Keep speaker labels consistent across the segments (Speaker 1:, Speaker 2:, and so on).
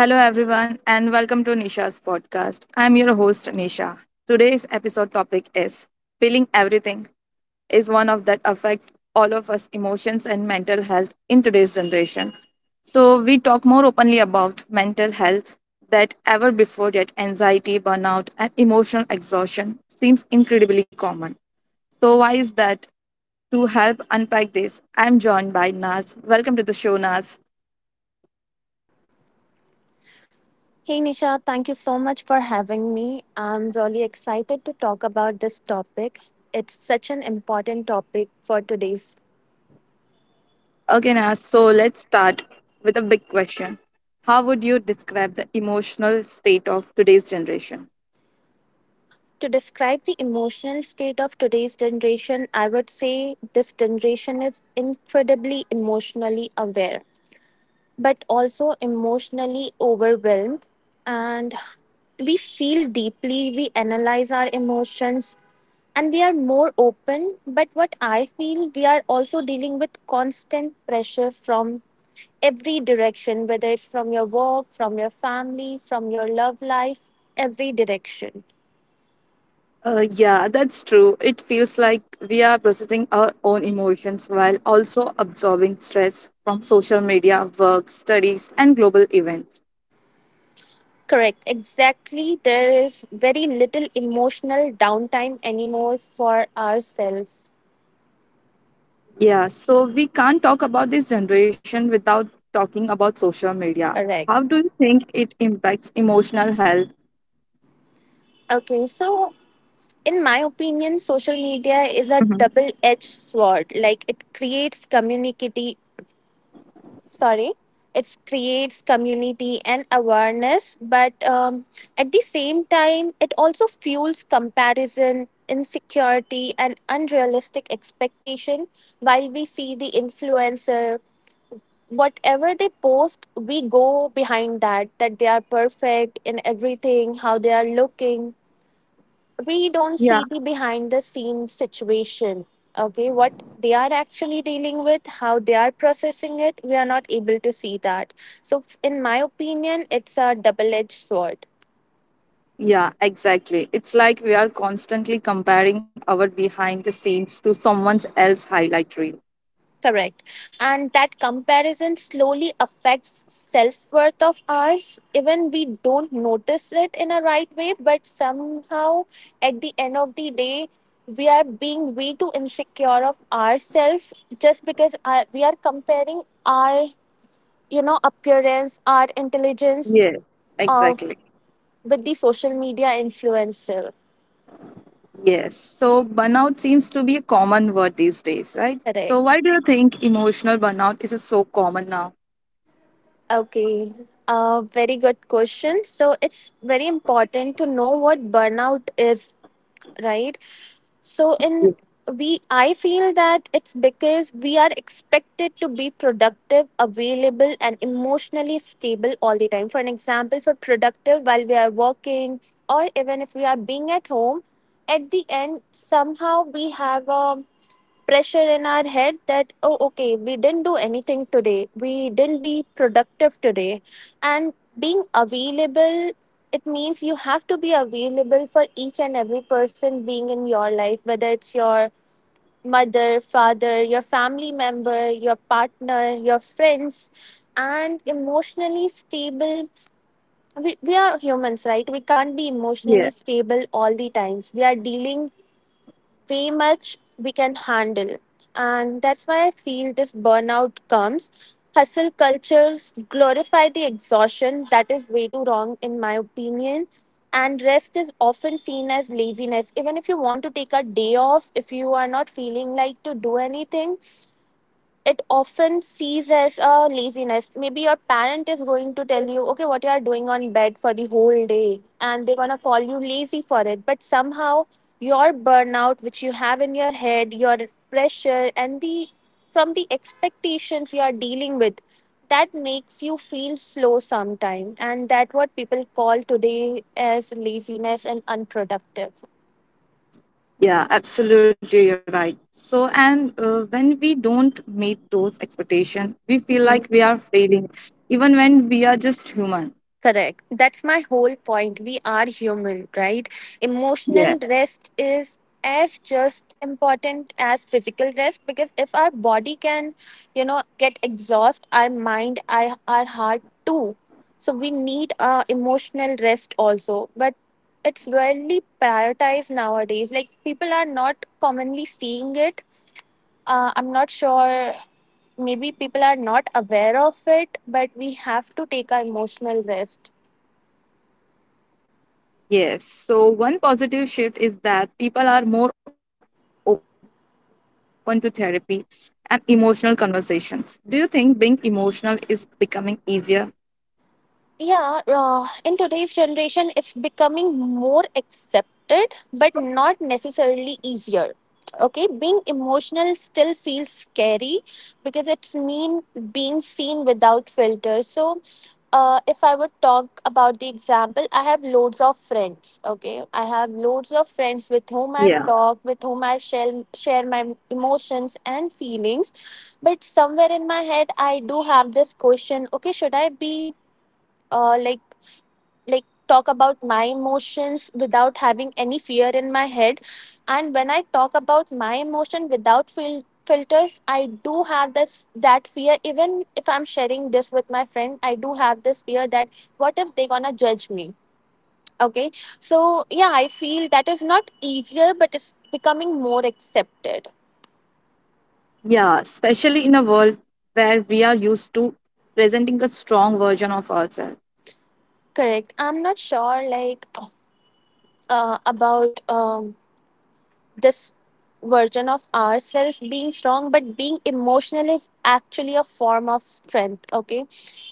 Speaker 1: Hello, everyone, and welcome to Nisha's podcast. I'm your host, Nisha. Today's episode topic is Feeling Everything is one of that affect all of us emotions and mental health in today's generation. So we talk more openly about mental health that ever before that anxiety, burnout, and emotional exhaustion seems incredibly common. So why is that? To help unpack this, I'm joined by Naz. Welcome to the show, Naz.
Speaker 2: Hey Nisha, thank you so much for having me. I'm really excited to talk about this topic. It's such an important topic for today's.
Speaker 1: Okay, Naz, so let's start with a big question. How would you describe the emotional state of today's generation?
Speaker 2: To describe the emotional state of today's generation, I would say this generation is incredibly emotionally aware, but also emotionally overwhelmed. And we feel deeply, we analyze our emotions, and we are more open. But what I feel, we are also dealing with constant pressure from every direction, whether it's from your work, from your family, from your love life, every direction.
Speaker 1: Yeah, that's true. It feels like we are processing our own emotions while also absorbing stress from social media, work, studies, and global events.
Speaker 2: Correct, exactly. There is very little emotional downtime anymore for ourselves.
Speaker 1: Yeah, so we can't talk about this generation without talking about social media.
Speaker 2: Correct.
Speaker 1: How do you think it impacts emotional health?
Speaker 2: Okay, so in my opinion, social media is a
Speaker 1: Mhm.
Speaker 2: double edged sword. Like sorry it creates community and awareness, but at the same time it also fuels comparison, insecurity, and unrealistic expectation. While we see the influencer, whatever they post, we go behind that they are perfect in everything, how they are looking. We don't see the behind the scenes situation. Okay, what they are actually dealing with, how they are processing it, we are not able to see that. So, in my opinion, it's a double edged sword.
Speaker 1: Yeah, exactly. It's like we are constantly comparing our behind the scenes to someone else's highlight reel.
Speaker 2: Correct. And that comparison slowly affects self worth of ours, even we don't notice it in a right way, but somehow at the end of the day we are being way too insecure of ourselves, just because we are comparing our appearance or intelligence
Speaker 1: Yeah.
Speaker 2: of
Speaker 1: Exactly.
Speaker 2: with the social media influencer.
Speaker 1: Yes. So burnout seems to be a common word these days, right? So why
Speaker 2: Correct.
Speaker 1: do you think emotional burnout is so common now?
Speaker 2: Okay, a very good question, so it's very important to know what burnout is, right? So, in we I feel that it's because we are expected to be productive, available, and emotionally stable all the time. For an example, for productive while we are working or even if we are being at home, at the end somehow we have a pressure in our head that, oh, okay, we didn't do anything today, we didn't be productive today. And being available, it means you have to be available for each and every person being in your life, whether it's your mother, father, your family member, your partner, your friends. And emotionally stable, we are humans, right? We can't be
Speaker 1: Yeah.
Speaker 2: emotionally stable all the times. We are dealing way much we can handle. And that's why I feel this burnout comes. Hustle cultures glorify the exhaustion. That is way too wrong, in my opinion. And rest is often seen as laziness. Even if you want to take a day off, if you are not feeling like to do anything, it often sees as a laziness. Maybe your parent is going to tell you, okay, what you are doing on bed for the whole day, and they're gonna call you lazy for it. But somehow your burnout, which you have in your head, your pressure, and the from the expectations you are dealing with, that makes you feel slow sometime, and that what people call today as laziness and unproductive.
Speaker 1: Yeah, absolutely. You're right. So, and when we don't meet those expectations, we feel
Speaker 2: Mhm.
Speaker 1: like we are failing, even when we are just human.
Speaker 2: Correct. That's my whole point. We are human, right? Emotional rest is as just important as physical rest, because if our body can, get exhaust, our mind, our heart too. So we need emotional rest also. But it's rarely prioritized nowadays. Like people are not commonly seeing it. I'm not sure. Maybe people are not aware of it, but we have to take our emotional rest.
Speaker 1: Yes. So, one positive shift is that people are more open to therapy and emotional conversations. Do you think being emotional is becoming easier?
Speaker 2: Yeah, in today's generation, it's becoming more accepted, but not necessarily easier. Okay, being emotional still feels scary, because it's mean being seen without filter. So, if I would talk about the example, I have loads of friends. Okay, I have loads of friends with whom I talk, with whom I share my emotions and feelings. But somewhere in my head, I do have this question. Okay, should I be uh, like talk about my emotions without having any fear in my head? And when I talk about my emotion without filters, I do have this that fear, even if I'm sharing this with my friend, I do have this fear that what if they gonna judge me? Okay, so, yeah, I feel that is not easier, but it's becoming more accepted.
Speaker 1: Yeah, especially in a world where we are used to presenting a strong version of ourselves.
Speaker 2: Correct, I'm not sure, like, about this version of ourselves being strong, but being emotional is actually a form of strength. Okay,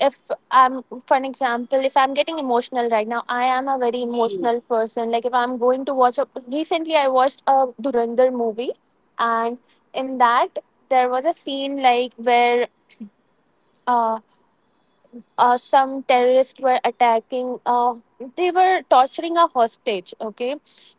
Speaker 2: if I'm for an example, if I'm getting emotional right now, I am a very emotional person. Like, if I'm going to watch a, recently I watched a Durandar movie, and in that, there was a scene like where uh some terrorists were attacking, they were torturing a hostage. Okay,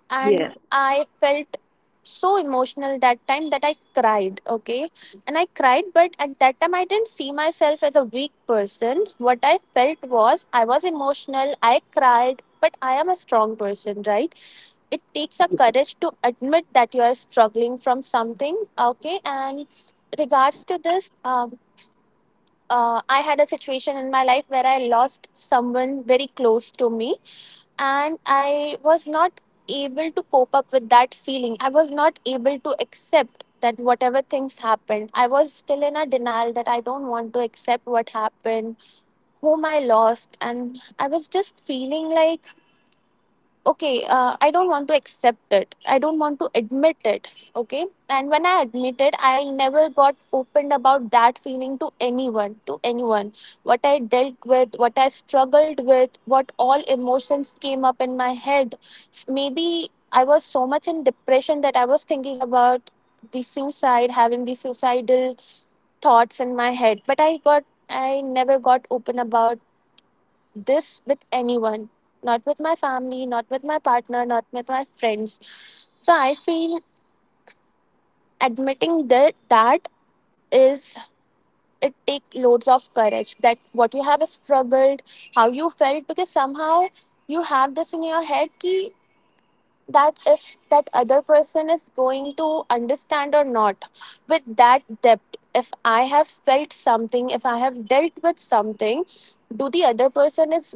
Speaker 2: and
Speaker 1: Yeah,
Speaker 2: I felt so emotional that time that I cried. Okay, and I cried, but at that time I didn't see myself as a weak person. What I felt was I was emotional, I cried, but I am a strong person, right? It takes a courage to admit that you are struggling from something. Okay, and regards to this, I had a situation in my life where I lost someone very close to me, and I was not able to cope up with that feeling. I was not able to accept that whatever things happened. I was still in a denial that I don't want to accept what happened, whom I lost, and I was just feeling like, okay, I don't want to accept it, I don't want to admit it. Okay, and when I admit it, I never got opened about that feeling to anyone, to anyone. What I dealt with, what I struggled with, what all emotions came up in my head. Maybe I was so much in depression that I was thinking about the suicide, having the suicidal thoughts in my head, but I never got open about this with anyone, not with my family, not with my partner, not with my friends. So I feel admitting that is, it take loads of courage, that what you have struggled, how you felt, because somehow you have this in your head key that if that other person is going to understand or not, with that depth, if I have felt something, if I have dealt with something, do the other person is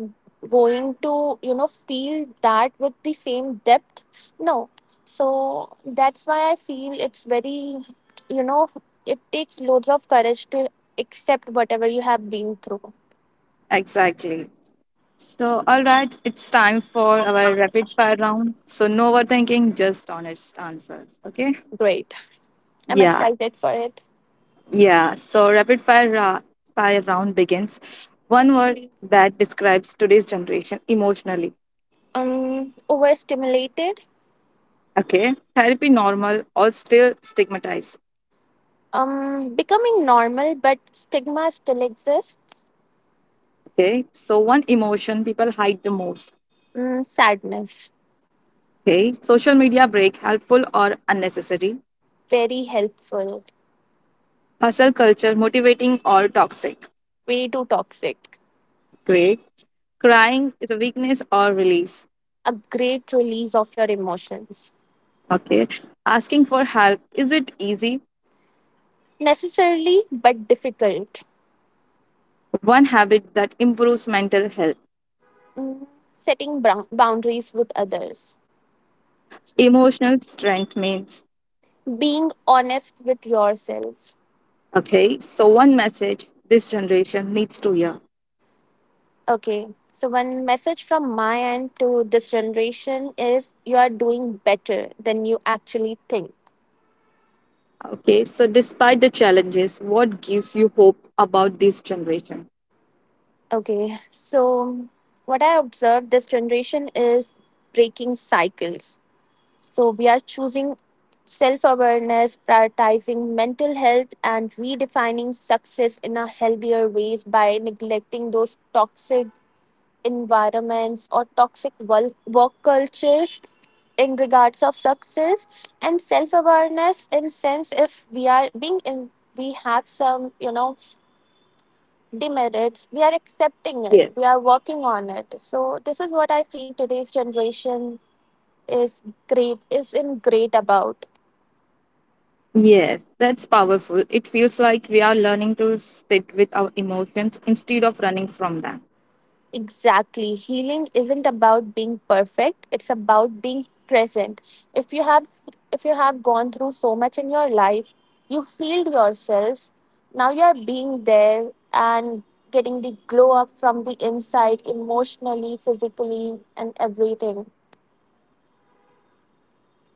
Speaker 2: going to, you know, feel that with the same depth. No. So, that's why I feel it's very, you know, it takes loads of courage to accept whatever you have been through.
Speaker 1: exactly. So, all right, it's time for our rapid fire round. So, no overthinking, just honest answers. Okay.
Speaker 2: Great, I'm
Speaker 1: Yeah.
Speaker 2: excited for it.
Speaker 1: Yeah, so rapid fire, fire round begins. One word that describes today's generation emotionally.
Speaker 2: Overstimulated.
Speaker 1: Okay. Therapy normal or still stigmatized.
Speaker 2: Becoming normal, but stigma still exists.
Speaker 1: Okay. So one emotion people hide the most.
Speaker 2: Mm, sadness.
Speaker 1: Okay. Social media break helpful or unnecessary.
Speaker 2: Very helpful.
Speaker 1: Hustle culture motivating or toxic.
Speaker 2: Way too toxic.
Speaker 1: Great. Crying is a weakness or release.
Speaker 2: A great release of your emotions.
Speaker 1: Okay. Asking for help is it easy?
Speaker 2: Necessarily, but difficult.
Speaker 1: One habit that improves mental health.
Speaker 2: Mm, setting boundaries with others.
Speaker 1: Emotional strength means.
Speaker 2: Being honest with yourself.
Speaker 1: Okay, so one message this generation needs to hear.
Speaker 2: Okay, so one message from my end to this generation is, you are doing better than you actually think.
Speaker 1: Okay, so despite the challenges, what gives you hope about this generation?
Speaker 2: Okay, so what I observed this generation is breaking cycles. So we are choosing self awareness, prioritizing mental health, and redefining success in a healthier ways by neglecting those toxic environments or toxic work cultures, in regards of success. And self awareness in sense, if we are being in we have some demerits, we are accepting it,
Speaker 1: Yeah.
Speaker 2: we are working on it. So this is what I feel today's generation is great is in great about.
Speaker 1: Yes, that's powerful. It feels like we are learning to sit with our emotions instead of running from them.
Speaker 2: Exactly, healing isn't about being perfect, it's about being present. If you have, if you have gone through so much in your life, you healed yourself, now you are being there and getting the glow up from the inside, emotionally, physically, and everything.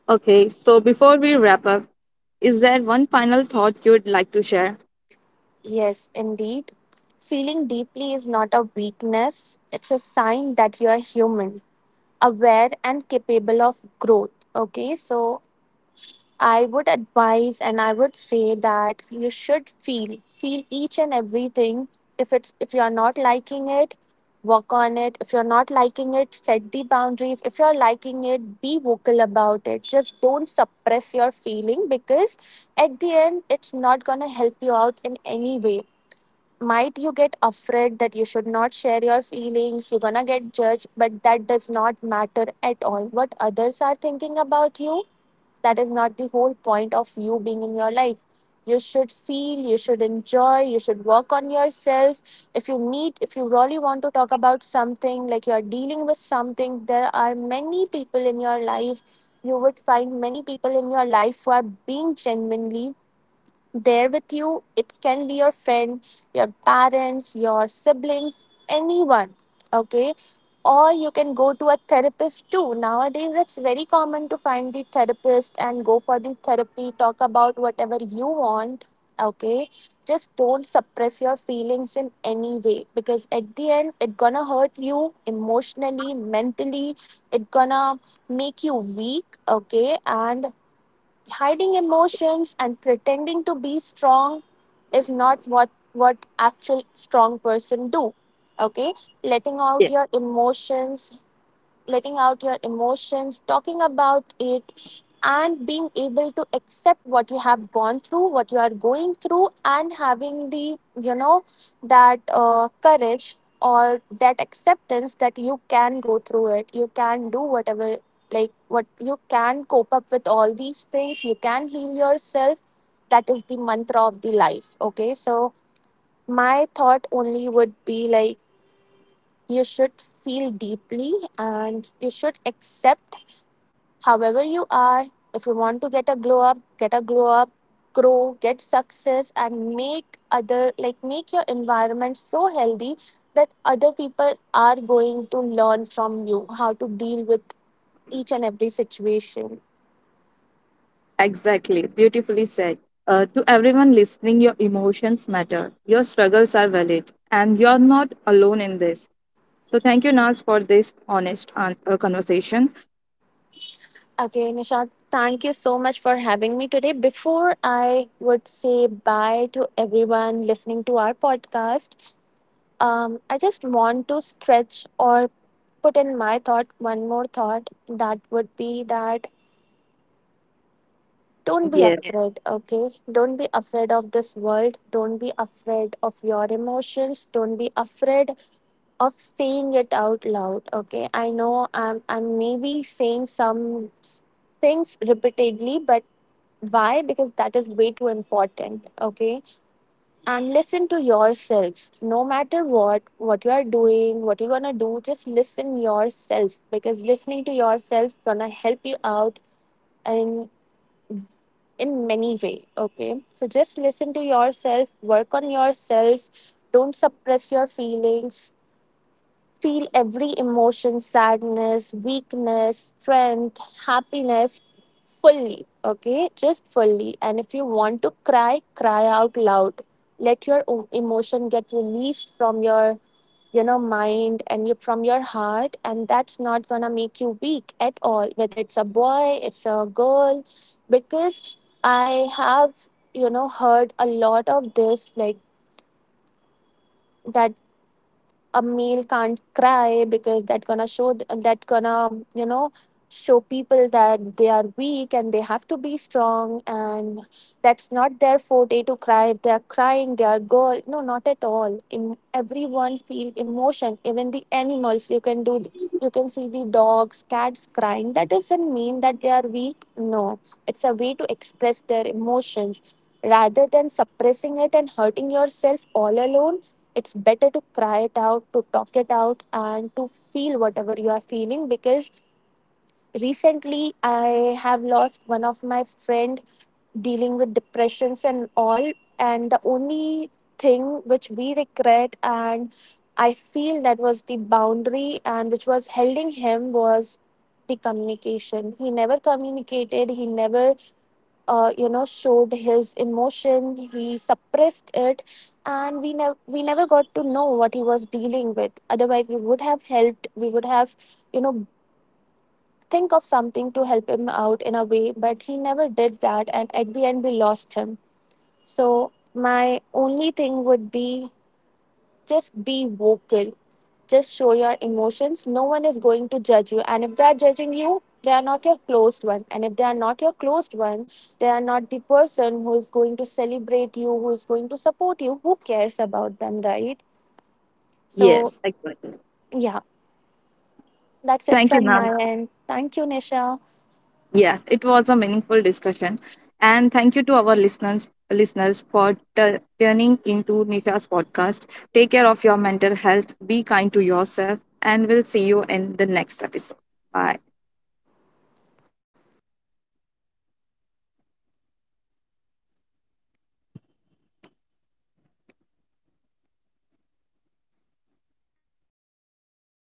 Speaker 1: Okay, so before we wrap up, is there one final thought you'd like to share?
Speaker 2: Yes, indeed. Feeling deeply is not a weakness, it's a sign that you are human, aware, and capable of growth. Okay, so I would advise and I would say that you should feel, feel each and everything. If it's, if you are not liking it, work on it. If you're not liking it, set the boundaries. If you're liking it, be vocal about it. Just don't suppress your feeling because at the end it's not gonna help you out in any way. Might you get afraid that you should not share your feelings, you're gonna get judged, but that does not matter at all what others are thinking about you. That is not the whole point of you being in your life. You should feel, you should enjoy, you should work on yourself. If you need, if you really want to talk about something, like, you're dealing with something, there are many people in your life. You would find many people in your life who are being genuinely there with you. It can be your friend, your parents, your siblings, anyone. Okay. Or you can go to a therapist too. Nowadays, it's very common to find the therapist and go for the therapy, talk about whatever you want. Okay. Just don't suppress your feelings in any way, because at the end, it gonna hurt you emotionally, mentally. It gonna make you weak. Okay. And hiding emotions and pretending to be strong is not what actual strong person do, okay. Letting
Speaker 1: Yeah.
Speaker 2: out your emotions, letting out your emotions, talking about it, and being able to accept what you have gone through, what you are going through, and having the, you know, that courage or that acceptance that you can go through it, you can do whatever, like, what you can cope up with all these things, you can heal yourself. That is the mantra of the life. Okay, so my thought only would be like, you should feel deeply and you should accept however you are. If you want to get a glow up, get a glow up, grow, get success, and make other, like, make your environment so healthy that other people are going to learn from you how to deal with each and every situation.
Speaker 1: Exactly, beautifully said. To everyone listening, your emotions matter, your struggles are valid, and you're not alone in this. So thank you, Naz, for this honest conversation.
Speaker 2: Okay, Nishant, thank you so much for having me today. Before I would say bye to everyone listening to our podcast, I just want to stretch or put in my thought, one more thought, that would be that don't be
Speaker 1: Yeah.
Speaker 2: afraid, okay? Don't be afraid of this world. Don't be afraid of your emotions. Don't be afraid of saying it out loud, okay? I know I'm maybe saying things repeatedly, but why? Because that is way too important, okay? And listen to yourself no matter what you are doing, what you're gonna do. Just listen yourself, because listening to yourself gonna help you out in in many way. Okay, so just listen to yourself, work on yourself, don't suppress your feelings. Feel every emotion, sadness, weakness, strength, happiness, fully. Okay, just fully. And if you want to cry, cry out loud. Let your emotion get released from your mind and you, from your heart, and that's not gonna make you weak at all, whether it's a boy, it's a girl. Because I have, you know, heard a lot of this, like, that a male can't cry because that gonna that gonna, you know, show people that they are weak and they have to be strong, and that's not their forte to cry. If they are crying, they are girl? No, not at all. Everyone feel emotion, even the animals. You can you can see the dogs, cats crying. That doesn't mean that they are weak. No, it's a way to express their emotions rather than suppressing it and hurting yourself all alone. It's better to cry it out, to talk it out, and to feel whatever you are feeling. Because recently I have lost one of my friend dealing with depressions and all, and the only thing which we regret, and I feel that was the boundary and which was holding him, was the communication. He never communicated, he never you know, showed his emotion, he suppressed it. And we never got to know what he was dealing with, otherwise we would have helped, we would have, you know, think of something to help him out in a way. But he never did that, and at the end we lost him. So my only thing would be, just be vocal, just show your emotions. No one is going to judge you. And if they are judging you, they are not your closed one. And if they are not your closed one, they are not the person who is going to celebrate you, who is going to support you. Who cares about them, right? So,
Speaker 1: Yes, exactly.
Speaker 2: yeah, that's it
Speaker 1: Thank you,
Speaker 2: from
Speaker 1: Naz.
Speaker 2: my end. Thank you, Nisha.
Speaker 1: Yes, it was a meaningful discussion, and thank you to our listeners for turning into Nisha's podcast. Take care of your mental health. Be kind to yourself, and we'll see you in the next episode. Bye.